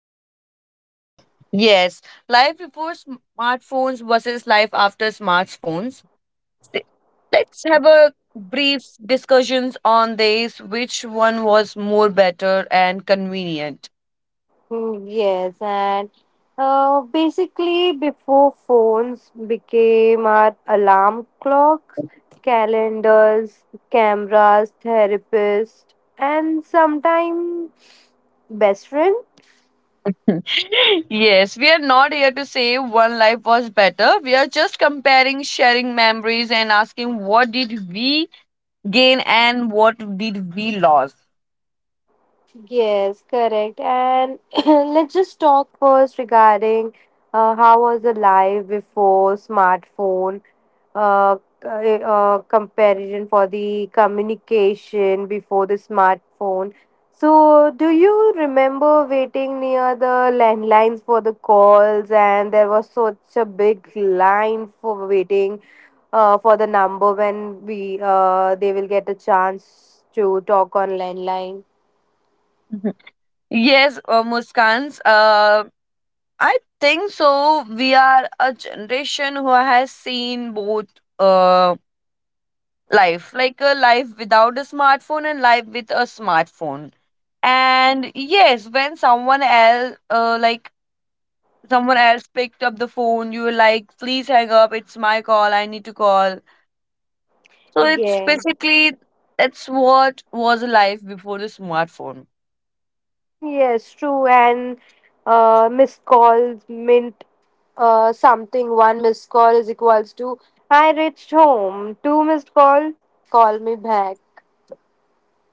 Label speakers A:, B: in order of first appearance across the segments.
A: correct?
B: Yes, life before smartphones versus life after smartphones. Th- Let's have a brief discussions on this which one was more better and convenient.
A: Yes. And basically, before phones became our alarm clocks, calendars, cameras, therapists, and sometimes best friend.
B: Yes, we are not here to say one life was better. We are just comparing, sharing memories, and asking what did we gain and what did we lose.
A: Yes, correct. And let's just talk first regarding how was the life before smartphone, uh, comparison for the communication before the smartphone. So, do you remember waiting near the landlines for the calls, and there was such a big line for waiting for the number when we they will get a chance to talk on landline?
B: Mhm. Yes, Muskans, I think so. We are a generation who has seen both uh, life, like a life without a smartphone and life with a smartphone. And yes, when someone else picked up the phone, you were like, "Please hang up, it's my call, I need to call." So it's
A: Yeah.
B: basically that's what was life before the smartphone.
A: Yes, true. And missed calls meant something. One missed call is equals to I reached home. Two missed call, call me back.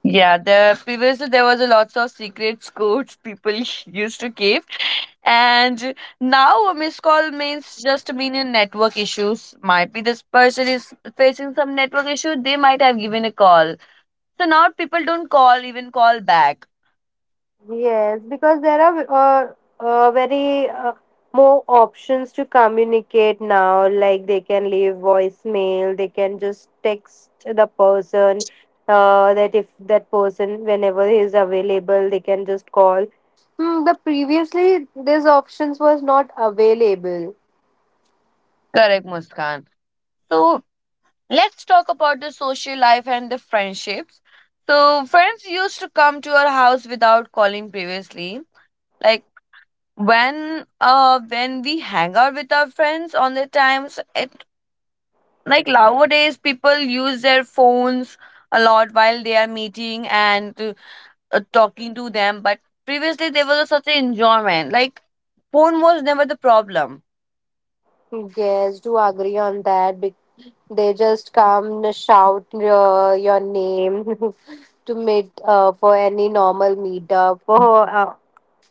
B: Yeah, the previously there was a lots of secrets codes people used to keep. And now a missed call means just mean a network issues, might be this person is facing some network issue, they might have given a call, so now people don't call even call back.
A: Yes, because there are very more options to communicate now. Like they can leave voicemail, they can just text the person. That if that person, whenever he is available, they can just call. The previously these options was not available.
B: Correct, Muskan. So let's talk about the social life and the friendships. So, friends used to come to our house without calling previously. Like when we hang out with our friends on the times, it like nowadays people use their phones a lot while they are meeting and talking to them, but previously there was such an enjoyment, like phone was never the problem.
A: Yes, do agree on that. They just come and shout your name to meet for any normal meetup or uh,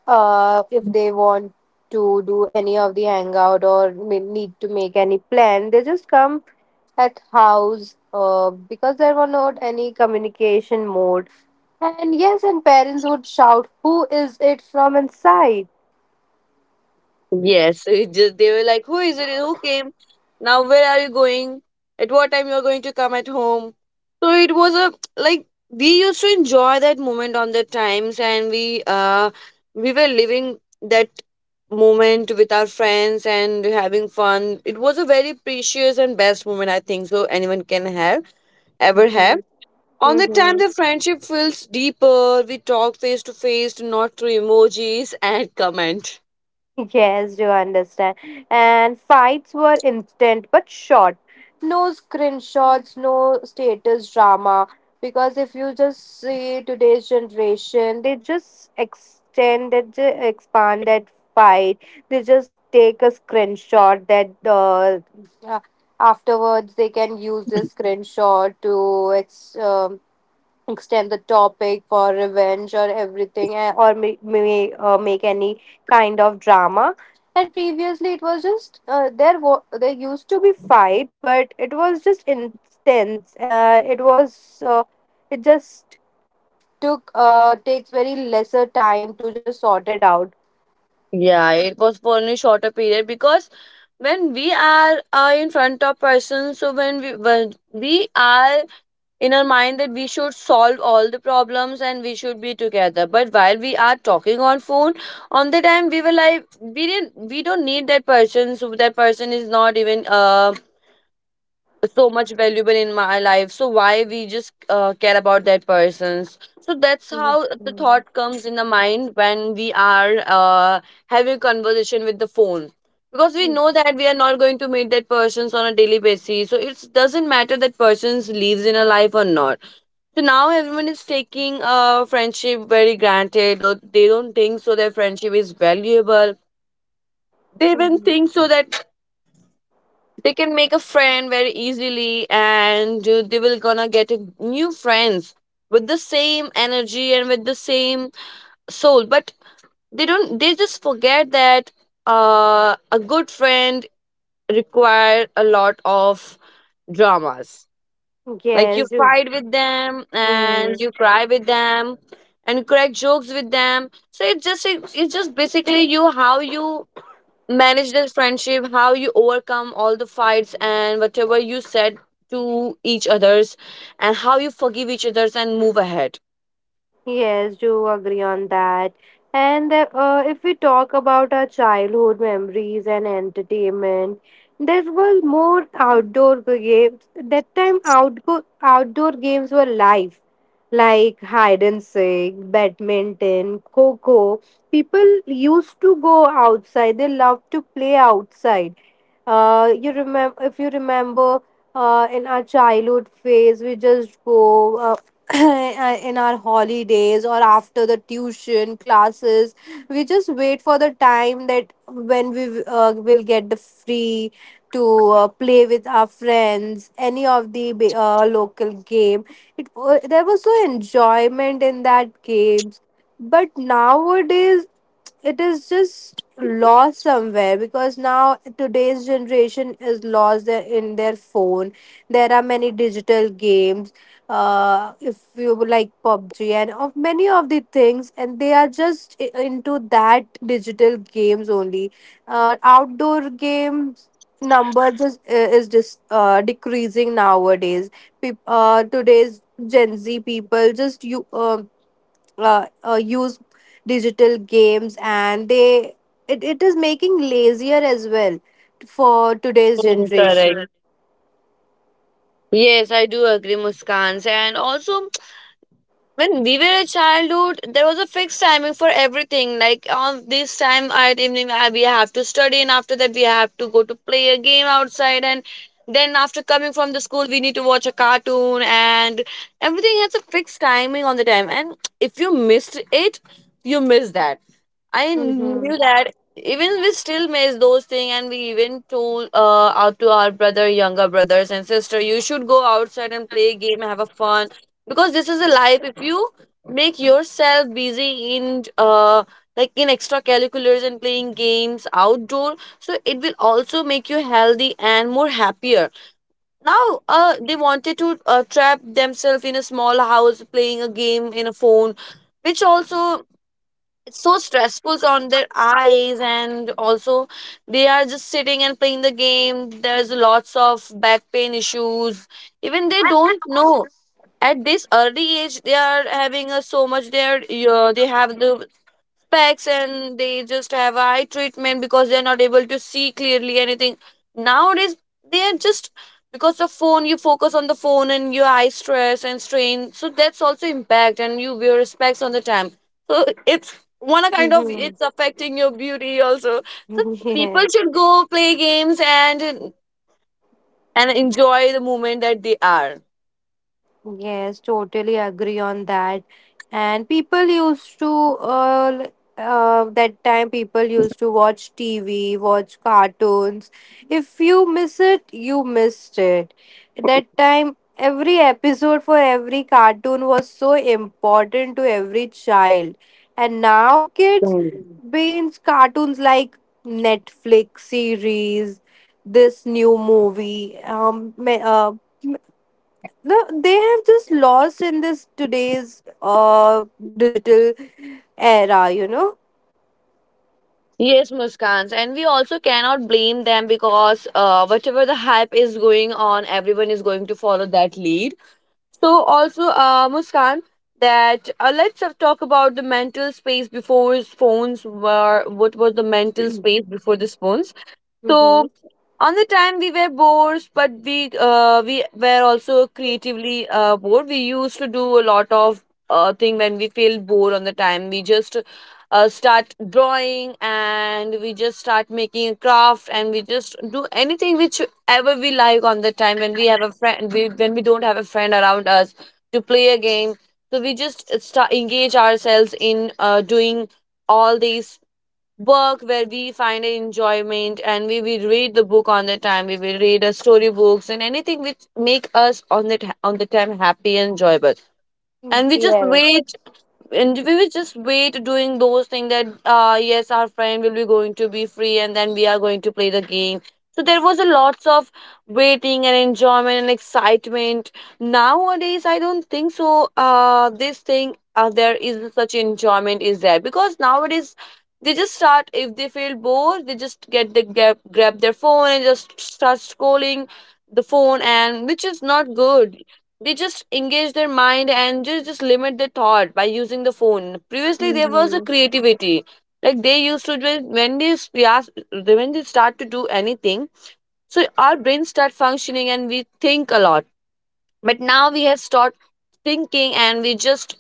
A: uh, if they want to do any of the hangout or may need to make any plan, they just come at house because there were not any communication mode. And yes, and parents would shout, "Who is it from inside?"
B: Yes, it just they were like, "Who is it? Who came? Now where are you going? At what time you're going to come at home?" So it was a like we used to enjoy that moment on the times, and we were living that moment with our friends and having fun. It was a very precious and best moment, I think so anyone can have ever
A: Mm-hmm.
B: have. On the time
A: Mm-hmm.
B: the friendship feels deeper, we talk face to face, not through emojis and comment.
A: Yes, you understand. And fights were instant but short. No screenshots, no status drama. Because if you just see today's generation, they just extend expand that fight. They just take a screenshot that uh, afterwards they can use this screenshot to extend the topic for revenge or everything or may make any kind of drama. And previously it was just there used to be fights, but it was just intense, it just took takes very lesser time to just sort it out.
B: Yeah, it was for only shorter period because when we are in front of person, so when we are in our mind that we should solve all the problems and we should be together. But while we are talking on phone, on the time we were like we don't need that person. So that person is not even so much valuable in my life, so why we just care about that persons, so that's
A: Mhm.
B: how the thought comes in the mind when we are having conversation with the phone, because we know that we are not going to meet that persons on a daily basis, so it doesn't matter that persons lives in a life or not. So now everyone is taking friendship very granted, or they don't think so their friendship is valuable. They even
A: Mhm.
B: think so that they can make a friend very easily and they will gonna get a new friends with the same energy and with the same soul, but they don't they just forget that a good friend require a lot of dramas, like you
A: Yes. you-
B: fight with them and
A: Mm.
B: you cry with them and you crack jokes with them. So it's just basically you how you manage that friendship, how you overcome all the fights and whatever you said to each others, and how you forgive each others and move ahead.
A: Yes, do agree on that. And if we talk about our childhood memories and entertainment, there was more outdoor games. That time, outdoor games were live, like hide and seek, badminton, coco. People used to go outside. They loved to play outside. You remember if you remember in our childhood phase, we just go. In our holidays or after the tuition classes, we just wait for the time that when we will get the free to play with our friends any of the local game. There was so enjoyment in that games, but nowadays it is just lost somewhere, because now today's generation is lost there in their phone. There are many digital games. If you would like PUBG and of many of the things, and they are just into that digital games only. Outdoor games numbers is decreasing nowadays. Today's gen z people just you use digital games, and it is making lazier as well for today's
B: Mm, correct.
A: generation.
B: Yes, I do agree, Muskans, and also when we were a childhood there was a fixed timing for everything, like on this time at evening we have to study, and after that we have to go to play a game outside, and then after coming from the school we need to watch a cartoon, and everything has a fixed timing on the time, and if you missed it, you miss that. I
A: Mm-hmm.
B: knew that even we still miss those things, and we even told out to our brother, younger brothers and sister, you should go outside and play a game, have a fun, because this is a life. If you make yourself busy in like in extracurriculars and playing games outdoor, so it will also make you healthy and more happier. Now, they wanted to trap themselves in a small house playing a game in a phone, which also it's so stressful on their eyes, and also they are just sitting and playing the game, there's lots of back pain issues, even they don't know. At this early age they are having a so much, they are they have the specs, and they just have eye treatment because they're not able to see clearly anything. Nowadays, they are just because of phone, you focus on the phone and your eye stress and strain. So that's also impact, and you wear specs on the time. So it's one a kind of it's affecting your beauty also. So people
A: Mm-hmm.
B: should go play games and enjoy the moment that they are.
A: Yes, totally agree on that. And people used to, uh, l- that time people used to watch TV, watch cartoons. If you miss it, you missed it. That time, every episode for every cartoon was so important to every child. And now kids binge cartoons like Netflix series, this new movie, they have just lost in this today's digital era, you know.
B: Yes, Muskans, and we also cannot blame them because whatever the hype is going on, everyone is going to follow that lead. So, also, Muskan, that let's talk about the mental space before phones were. What was the mental space before the phones? So
A: Mm-hmm.
B: on the time we were bored, but we were also creatively bored. We used to do a lot of thing when we feel bored on the time. We just start drawing, and we just start making a craft, and we just do anything whichever we like on the time, when we have a when we don't have a friend around us to play a game. So we just start engage ourselves in doing all these work where we find enjoyment, and we will read the book on the time, we will read a story books and anything which make us on the on the time happy and enjoyable, and we just
A: Yes.
B: wait, and we will just wait doing those things that yes our friend will be going to be free and then we are going to play the game. So there was a lots of waiting and enjoyment and excitement. Nowadays I don't think so this thing there is such enjoyment is there, because nowadays they just start, if they feel bored they just get grab their phone and just start scrolling the phone, and which is not good. They just engage their mind and just limit their thought by using the phone. Previously there was a
A: Hmm.
B: creativity, like they used to when we ask, when they start to do anything, so our brains start functioning and we think a lot. But now we have stopped thinking and we just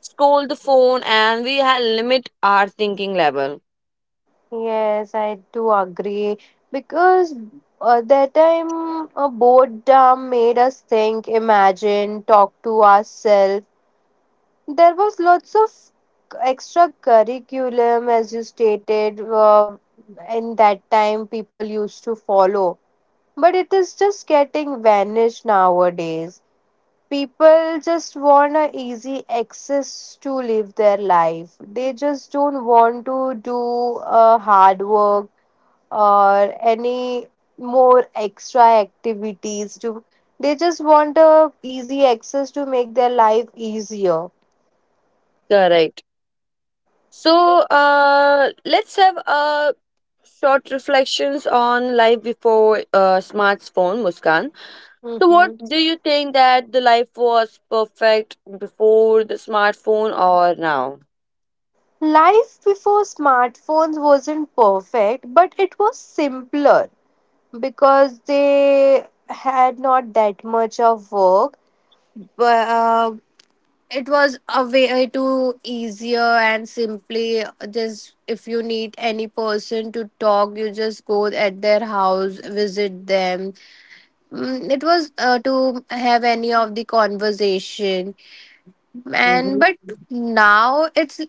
B: scroll the phone, and limit our thinking level.
A: Yes, I do agree. Because that time a boredom made us think, imagine, talk to ourselves. There was lots of extra curriculum as you stated. In that time people used to follow, but it is just getting vanished nowadays. People just want a easy access to live their life. They just don't want to do hard work or any more extra activities to. They just want a easy access to make their life easier.
B: Correct. So let's have a short reflections on life before smartphone, Muskan. So, what
A: Mhm.
B: do you think, that the life was perfect before the smartphone or now?
A: Life before smartphones wasn't perfect, but it was simpler, because they had not that much of work. But it was a way to easier and simply. Just if you need any person to talk, you just go at their house, visit them. It was to have any of the conversation. And but
B: Hmm.
A: now it's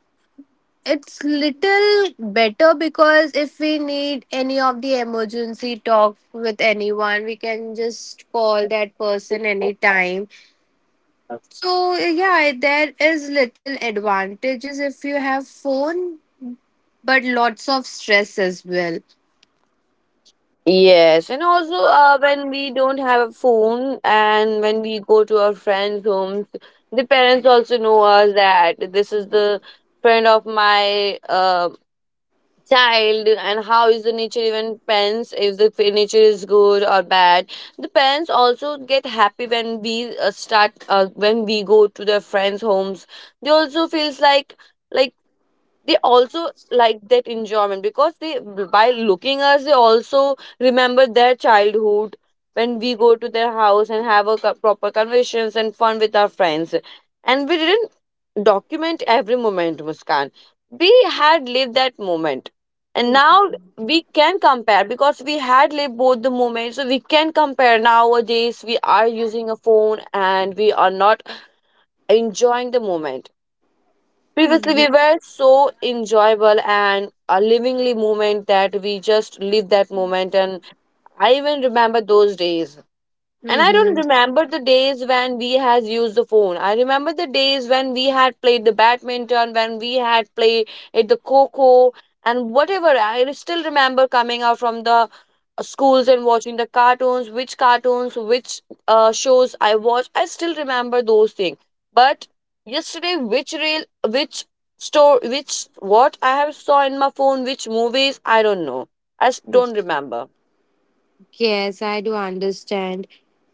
A: it's little better, because if we need any of the emergency talk with anyone, we can just call that person anytime. So yeah, there is little advantages if you have phone, but lots of stress as well.
B: Yes, and also when we don't have a phone and when we go to our friends' homes, the parents also know us that this is the friend of my child, and how is the nature, even pens if nature is good or bad, the parents also get happy when we start when we go to their friends homes. They also feels like like they also like that enjoyment, because they by looking us they also remember their childhood when we go to their house and have a proper conversations and fun with our friends. And we didn't document every moment, Muskan, we had lived that moment. And now we can compare, because we had lived both the moments, so we can compare. Nowadays we are using a phone and we are not enjoying the moment. Previously, we
A: Mm-hmm.
B: were so enjoyable and a livingly moment that we just live that moment. And I even remember those days. And I don't remember the days when we has used the phone. I remember the days when we had played the badminton, when we had played at the coco and whatever. I still remember coming out from the schools and watching the cartoons, which shows I watched. I still remember those things. But yesterday, which real, which store, which what I have saw in my phone, which movies, I don't know. Don't remember.
A: Yes, I do understand.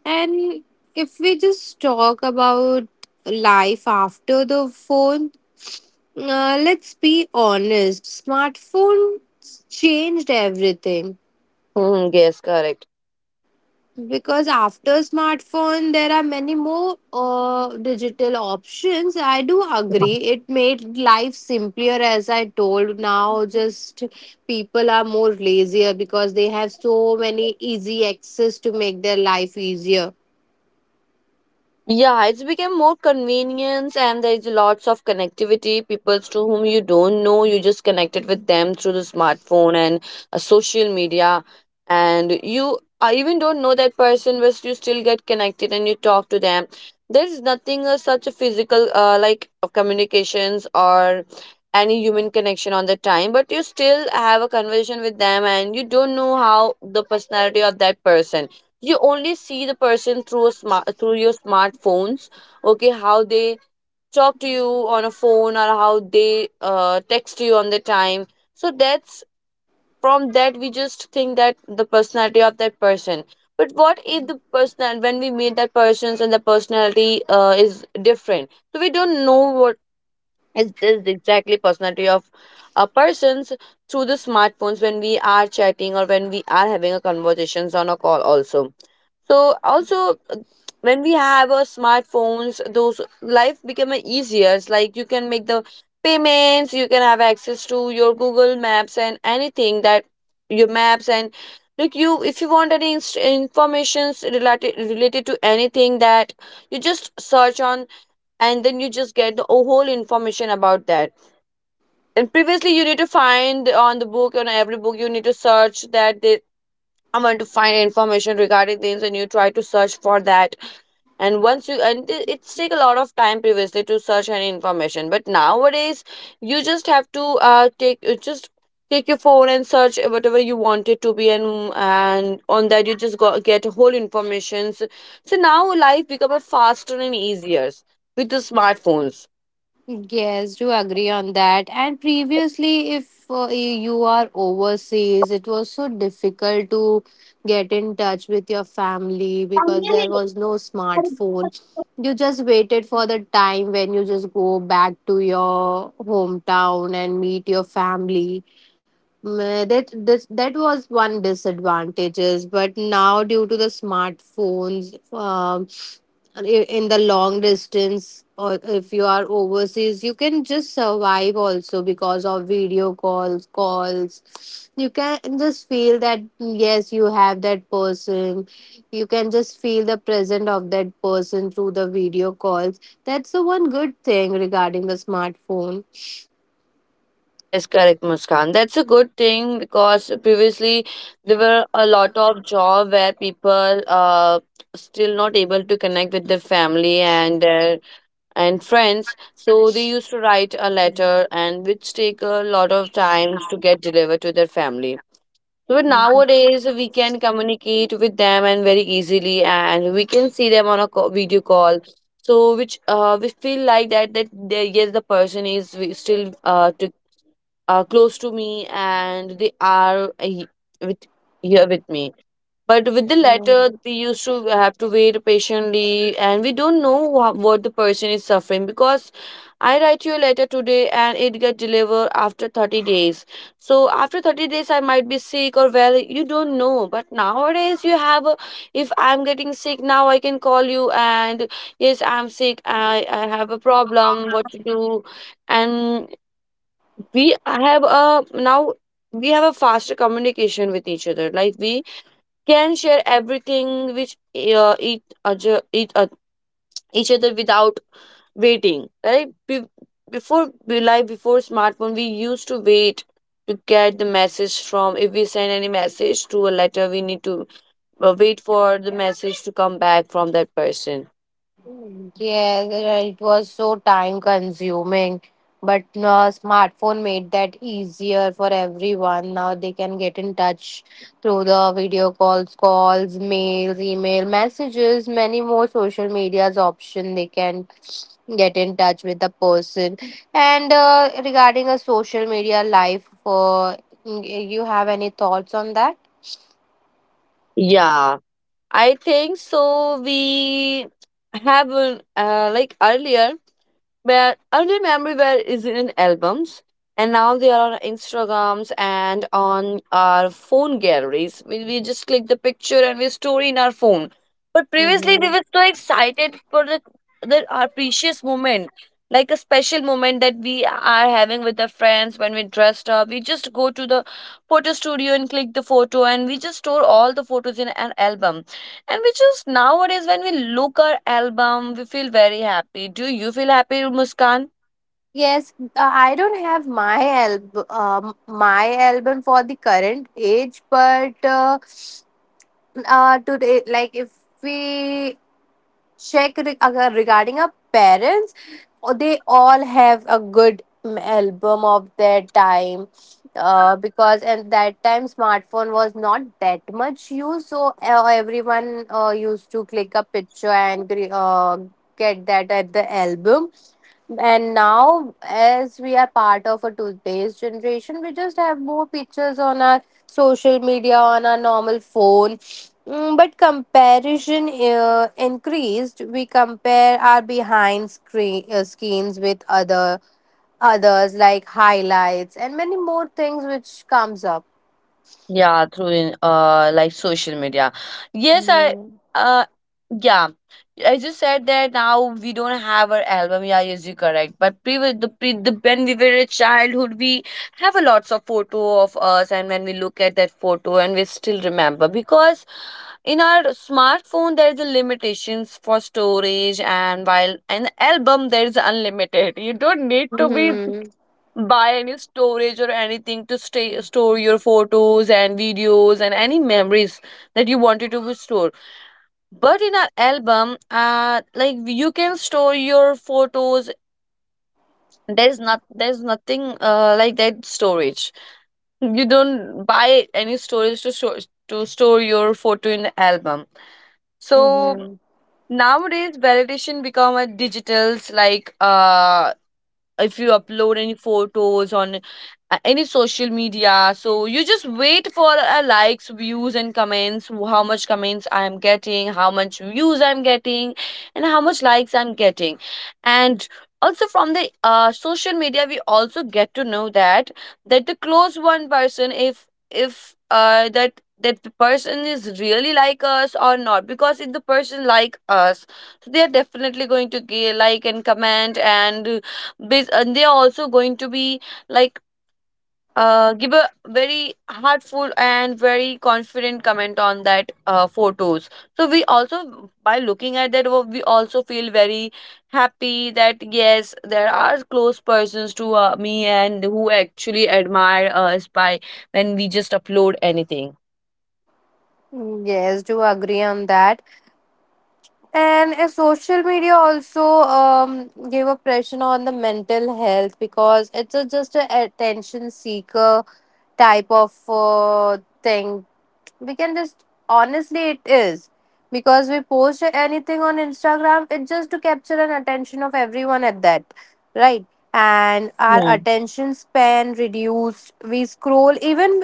A: And if we just talk about life after the phone, let's be honest, smartphones changed everything,
B: Hmm. Yes, correct.
A: because after smartphone there are many more digital options. I do agree it made life simpler as I told. Now just people are more lazier because they have so many easy access to make their life easier.
B: Yeah, it's become more convenience and there is lots of connectivity. People to whom you don't know, you just connected with them through the smartphone and social media, and you I even don't know that person, but you still get connected and you talk to them. There is nothing such a physical like communications or any human connection on the time, but you still have a conversation with them and you don't know how the personality of that person you only see the person through a smart through your smartphones, okay, how they talk to you on a phone or how they text you on the time. So that's from that we just think that the personality of that person. But what if the person when we meet that persons and the personality is different, so we don't know what is this exactly personality of a person's through the smartphones when we are chatting or when we are having a conversations on a call also. So also, when we have our smartphones, those life become a easier. It's like you can make the payments, you can have access to your Google Maps and anything that your maps, and look, you if you want any informations related to anything that you just search on, and then you just get the whole information about that. And previously you need to find on the book, on every book you need to search that they I want to find information regarding things and you try to search for that. And once you and it's take a lot of time previously to search any information, but nowadays you just have to uh take you just take your phone and search whatever you want it to be, and on that you just go, get whole informations. So now life become a faster and easier with the smartphones.
A: Yes, do agree on that. And previously, if you are overseas, it was so difficult to get in touch with your family because there was no smartphone. You just waited for the time when you just go back to your hometown and meet your family. That this, that was one disadvantages, but now due to the smartphones, in the long distance or if you are overseas, you can just survive also because of video calls, calls. You can just feel that yes, you have that person, you can just feel the presence of that person through the video calls. That's the one good thing regarding the smartphone.
B: Yes, correct, Muskan. That's a good thing because previously there were a lot of job where people still not able to connect with their family and their and friends. So they used to write a letter and which take a lot of times to get delivered to their family. So but nowadays we can communicate with them and very easily, and we can see them on a video call. So which we feel like that that they, yes the person is we still close to me, and they are with here with me. But with the latter, they used to have to wait patiently, and we don't know what the person is suffering because I write you a letter today and it get delivered after 30 days. So after 30 days, I might be sick or well, you don't know. But nowadays, you have a, if I'm getting sick now, I can call you and yes, I'm sick, I have a problem, what to do, and we have a now we have a faster communication with each other like we can share everything which each other without waiting, right. Before we, like before smartphone, we used to wait to get the message from if we send any message to a letter, we need to wait for the message to come back from that person.
A: Yeah, it was so time consuming, but smartphone made that easier for everyone. Now they can get in touch through the video calls, calls, mails, email, messages, many more social medias option. They can get in touch with the person. And regarding a social media life, you have any thoughts on that?
B: Yeah, I think so we have like earlier. But early memory were is in albums, and now they are on Instagrams and on our phone galleries. We just click the picture and we store in our phone. But previously, we
A: Mm-hmm.
B: were so excited for the our precious moment, like a special moment that we are having with our friends when we dressed up. We just go to the photo studio and click the photo, and we just store all the photos in an album, and we just nowadays, when we look our album, we feel very happy. Do you feel happy, Muskan?
A: Yes, I don't have my album for the current age, but today, like if we check regarding our parents, they all have a good album of their time, because at that time smartphone was not that much used, so everyone used to click a picture and get that at the album. And now, as we are part of a toothpaste generation, we just have more pictures on our social media, on our normal phone. But comparison increased. We compare our behind screens with other others, like highlights and many more things which comes up.
B: Yeah, through in like social media. Yes, I
A: Hmm.
B: uh yeah. I just said that now we don't have our album. Yeah, yes, you correct. But previous the pre the when we were a childhood, we have a lots of photo of us, and when we look at that photo, and we still remember because in our smartphone there is a limitations for storage, and while an album there is unlimited. You don't need to be
A: Hmm.
B: buy any storage or anything to stay store your photos and videos and any memories that you wanted to store. But in an album, like you can store your photos. There's nothing like that storage. You don't buy any storage to store your photo in the album. So
A: Hmm.
B: nowadays validation become a digitals, like if you upload any photos on any social media, so you just wait for likes, views and comments. How much comments I am getting, how much views I'm getting, and how much likes I'm getting. And also from the social media, we also get to know that the close one person, if that that the person is really like us or not. Because if the person like us, so they are definitely going to like and comment, and and they are also going to be like, give a very heartful and very confident comment on that photos. So we also by looking at that we also feel very happy that yes, there are close persons to me and who actually admire us by when we just upload anything.
A: Yes, do agree on that. And social media also gave a pressure on the mental health, because it's a, just a attention seeker type of thing. We can just honestly, it is, because we post anything on instagram, it's just to capture an attention of everyone at that, right? And our
B: Hmm.
A: attention span reduced. We scroll even,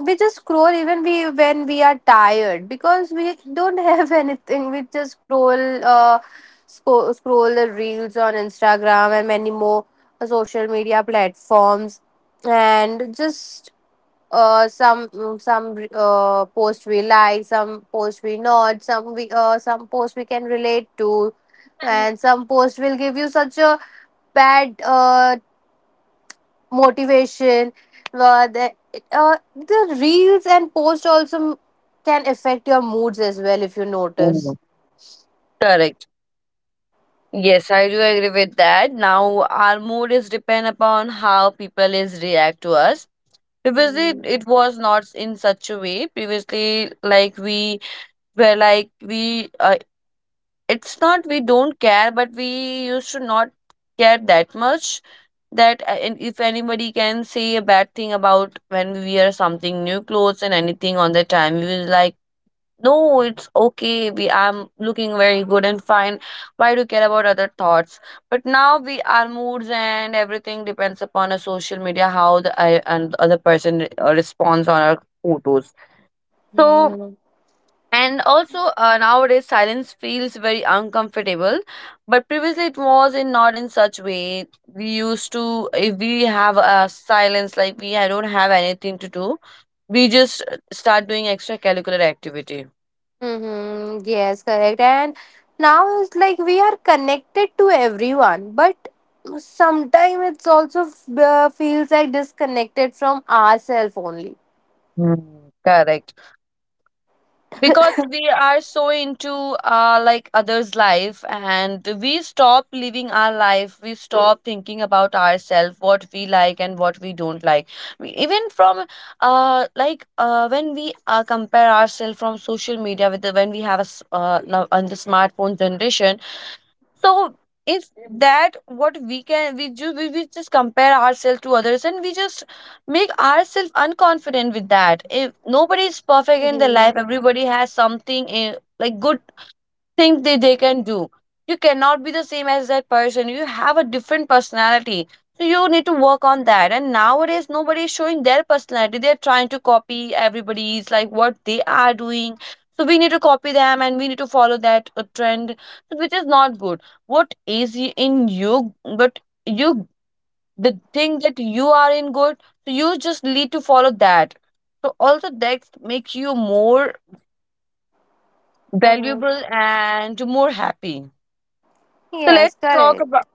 A: we just scroll even we, when we are tired, because we don't have anything, we just scroll, scroll the reels on instagram and many more social media platforms. And just some, some post we like, some post we not, some we some post we can relate to, and some post will give you such a bad motivation. uh, the, the reels and post also can affect your moods as well if you
B: Hmm.
A: notice.
B: Correct. Yes, I do agree with that. Now, our mood is depend upon how people is react to us. Previously, it was not in such a way. Previously, like we were like we, it's not we don't care, but we used to not care that much that and if anybody can say a bad thing about when we wear something new clothes and anything on the time, we will like no, it's okay, we I'm looking very good and fine, why do you care about other thoughts. But now we our moods and everything depends upon a social media, how the I, and other person responds on our photos. So
A: Mhm.
B: and also, nowadays silence feels very uncomfortable, but previously it was in not in such way. We used to if we have a silence, like we I don't have anything to do, we just start doing extracurricular activity.
A: Mm-hmm. Yes, correct. And now it's like we are connected to everyone, but sometimes it's also feels like disconnected from ourselves only.
B: Hmm, correct, because we are so into like others life, and we stop living our life, we stop thinking about ourselves, what we like and what we don't like. Even from like when we compare ourselves from social media with the, when we have a now on the smartphone generation. So is that what we can we just we just compare ourselves to others and we just make ourselves unconfident with that. If nobody is perfect in their
A: Mm-hmm.
B: life, everybody has something like good think that they can do. You cannot be the same as that person. You have a different personality. So you need to work on that. And nowadays nobody is showing their personality. They're trying to copy everybody's like what they are doing. So we need to copy them and we need to follow that trend, which is not good. What is in you, but you the thing that you are in good, so you just need to follow that. So also that makes you more
A: Mm-hmm.
B: valuable and more happy. So let's
A: Yes,
B: talk about
A: correct.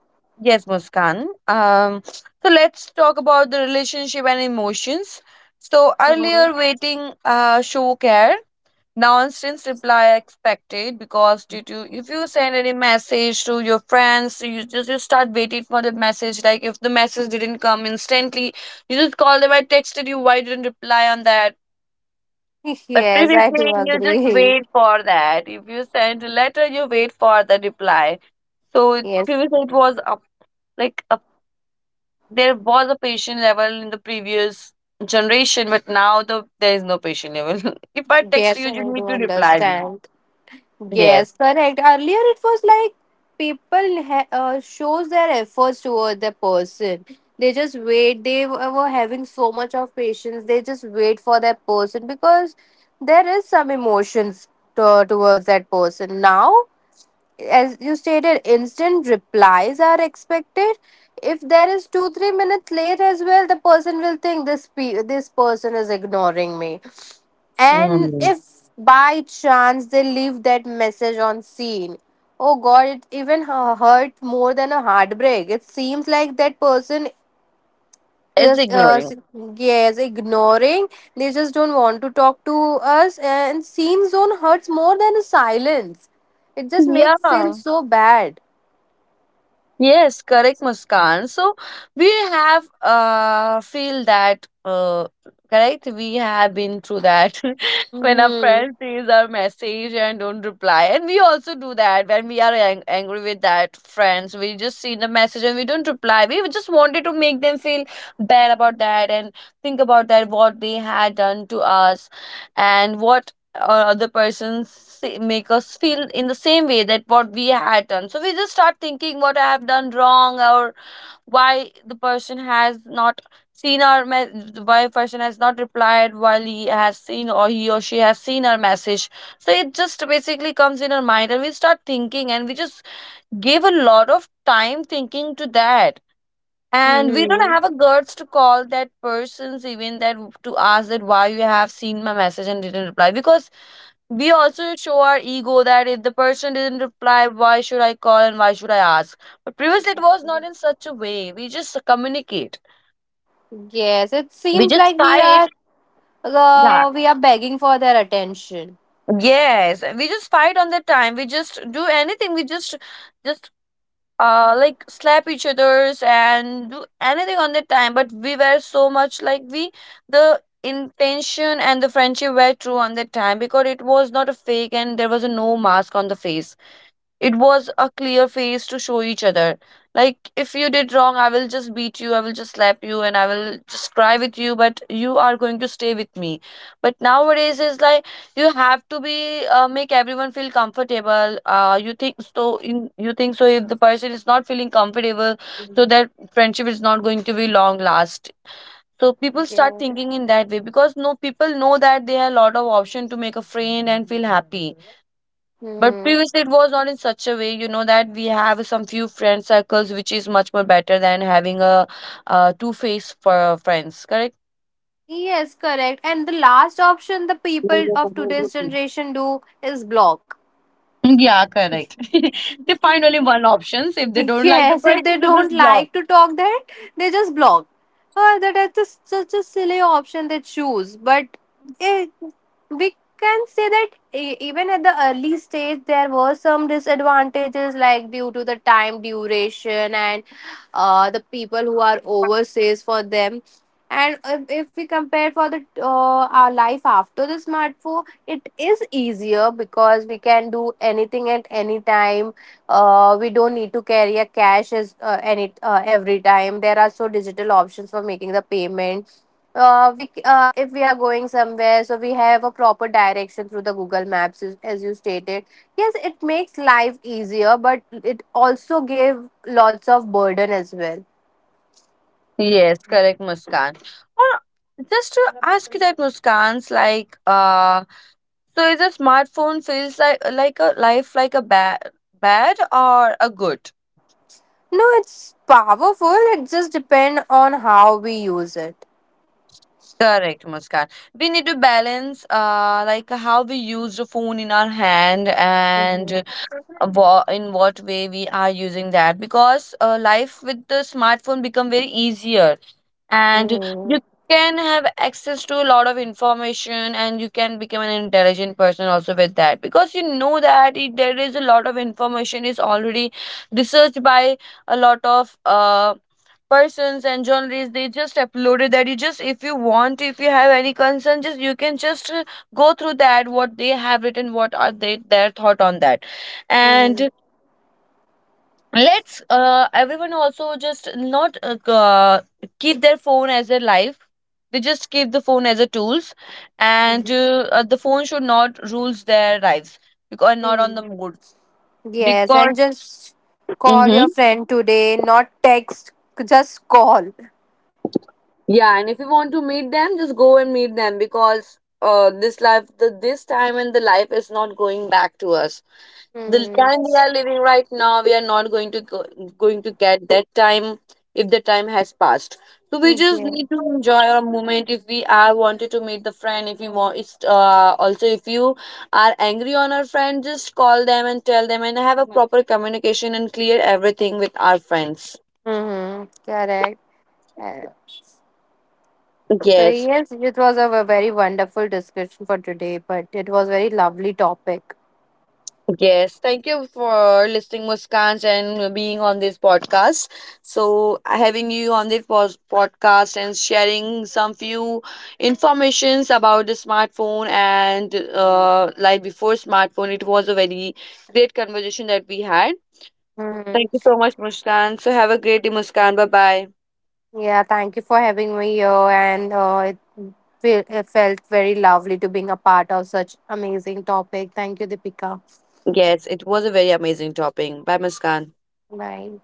B: yes, Muskan. So let's talk about the relationship and emotions. So
A: Mm-hmm.
B: earlier, waiting show care. Now, instance reply expected because due to if you send any message to your friends, so you just you start waiting for the message. Like if the message didn't come instantly, you just call them. I texted you. Why didn't reply on that? But
A: Yes, I do
B: previously, you just
A: agree.
B: wait for that. If you send a letter, you wait for the reply. So
A: Yes,
B: previously, it was up, like up, there was a patient level in the previous generation, but now the there is no patient level. If I text
A: yes,
B: you,
A: I
B: you need
A: do
B: to reply me.
A: understand. Yes,
B: Yes,
A: correct. Earlier, it was like people shows their efforts toward the person. They just wait. Were having so much of patience. They just wait for that person because there is some emotions towards that person. Now, as you stated, instant replies are expected. If there is 2-3 minutes late as well, the person will think this person is ignoring me. And
B: Mm.
A: if by chance they leave that message on scene, oh god, it even hurt more than a heartbreak. It seems like that person
B: It's
A: is,
B: ignoring.
A: yes, ignoring. They just don't want to talk to us, and scene zone hurts more than a silence. It just makes feel
B: Yeah.
A: so bad.
B: Yes, correct, Muskan. So we have feel that correct. We have been through that when our
A: Mm-hmm.
B: friend sees our message and don't reply, and we also do that when we are angry with that friends. We just see the message and we don't reply. We just wanted to make them feel bad about that and think about that what they had done to us and what or other persons say- make us feel in the same way that what we had done, so we just start thinking what I have done wrong or why the person has not seen our me- why person has not replied while he has seen or he or she has seen our message. So it just basically comes in our mind and we start thinking and we just give a lot of time thinking to that, and we don't
A: Mm-hmm.
B: have a guts to call that persons even that to ask that why you have seen my message and didn't reply, because we also show our ego that if the person didn't reply, why should I call and why should I ask? But previously, it was not in such a way. We just communicate.
A: Yes, it
B: We
A: seems
B: just
A: like
B: fight. Yeah.
A: we are begging for their attention.
B: Yes. We just fight on the time. We just do anything. We just, like slap each other's and do anything on the time. But we were so much like we the intention and the friendship were true on that time because it was not a fake and there was a no mask on the face. It was a clear face to show each other, like if you did wrong I will just beat you, I will just slap you, and I will just cry with you, but you are going to stay with me. But nowadays is like you have to be, make everyone feel comfortable, you think so, in you think so if the person is not feeling comfortable, so that friendship is not going to be long last. So people start
A: Yes.
B: thinking in that way because no people know that they have a lot of option to make a friend and feel happy. But
A: Mm-hmm.
B: previously, it was not in such a way, you know, that we have some few friend circles, which is much more better than having a, two-faced for friends. Correct?
A: Yes, correct. And the last option the people of today's generation do is block.
B: Yeah, correct. They find only one options. If they don't like the
A: Yes, if they
B: person, they
A: don't
B: just block.
A: like to talk that, they just block. That is just such a silly option they choose. But eh, we can say that even at the early stage, there were some disadvantages, like due to the time duration and the people who are overseas, for them. And if we compare for the our life after the smartphone, it is easier because we can do anything at any time. We don't need to carry a cash as any every time there are so digital options for making the payment. If we are going somewhere, so we have a proper direction through the google maps, as you stated. Yes, it makes life easier, but it also gave lots of burden as well.
B: Yes, correct, Muskan. Or just to ask you that, Muskan's like, so is a smartphone feels like a life like a bad or a good?
A: No, it's powerful, it just depends on how we use it.
B: Correct, Muskan. We need to balance, like how we use the phone in our hand
A: Hmm.
B: and wha- in what way we are using that, because life with the smartphone become very easier, and you
A: Hmm.
B: can have access to a lot of information, and you can become an intelligent person also with that, because you know that it, there is a lot of information is already researched by a lot of persons and journalists. They just uploaded that. You just if you want, if you have any concern, just you can just go through that what they have written, what are they their thought on that. And let's everyone also just not keep their phone as their life. They just keep the phone as a tools, and the phone should not rules their lives, because not on the
A: Hmm.
B: mood.
A: Yes,
B: Because
A: and just call
B: hmm.
A: your friend today, not text, just call.
B: Yeah, and if you want to meet them, just go and meet them, because this life, the, this time and the life is not going back to us. The
A: Mm-hmm.
B: time we are living right now, we are not going to go, going to get that time if the time has passed. So we just
A: Yeah.
B: need to enjoy our moment. If we are wanted to meet the friend, if you want it's also, if you are angry on our friend, just call them and tell them and have a proper communication and clear everything with our friends.
A: Mm-hmm. Correct. Uh, so
B: Yes.
A: yes, it was a very wonderful discussion for today, but it was very lovely topic.
B: Yes, thank you for listening, Muskans, and being on this podcast. So, having you on this pos- podcast and sharing some few informations about the smartphone and life before smartphone, it was a very great conversation that we had. Thank you
A: Mm-hmm.
B: so much, Muskan. So, have a great day, Muskan. Bye bye.
A: Yeah, thank you for having me here, and it felt very lovely to being a part of such amazing topic. Thank you, Deepika.
B: Yes, it was a very amazing topic. Bye, Muskan.
A: Bye.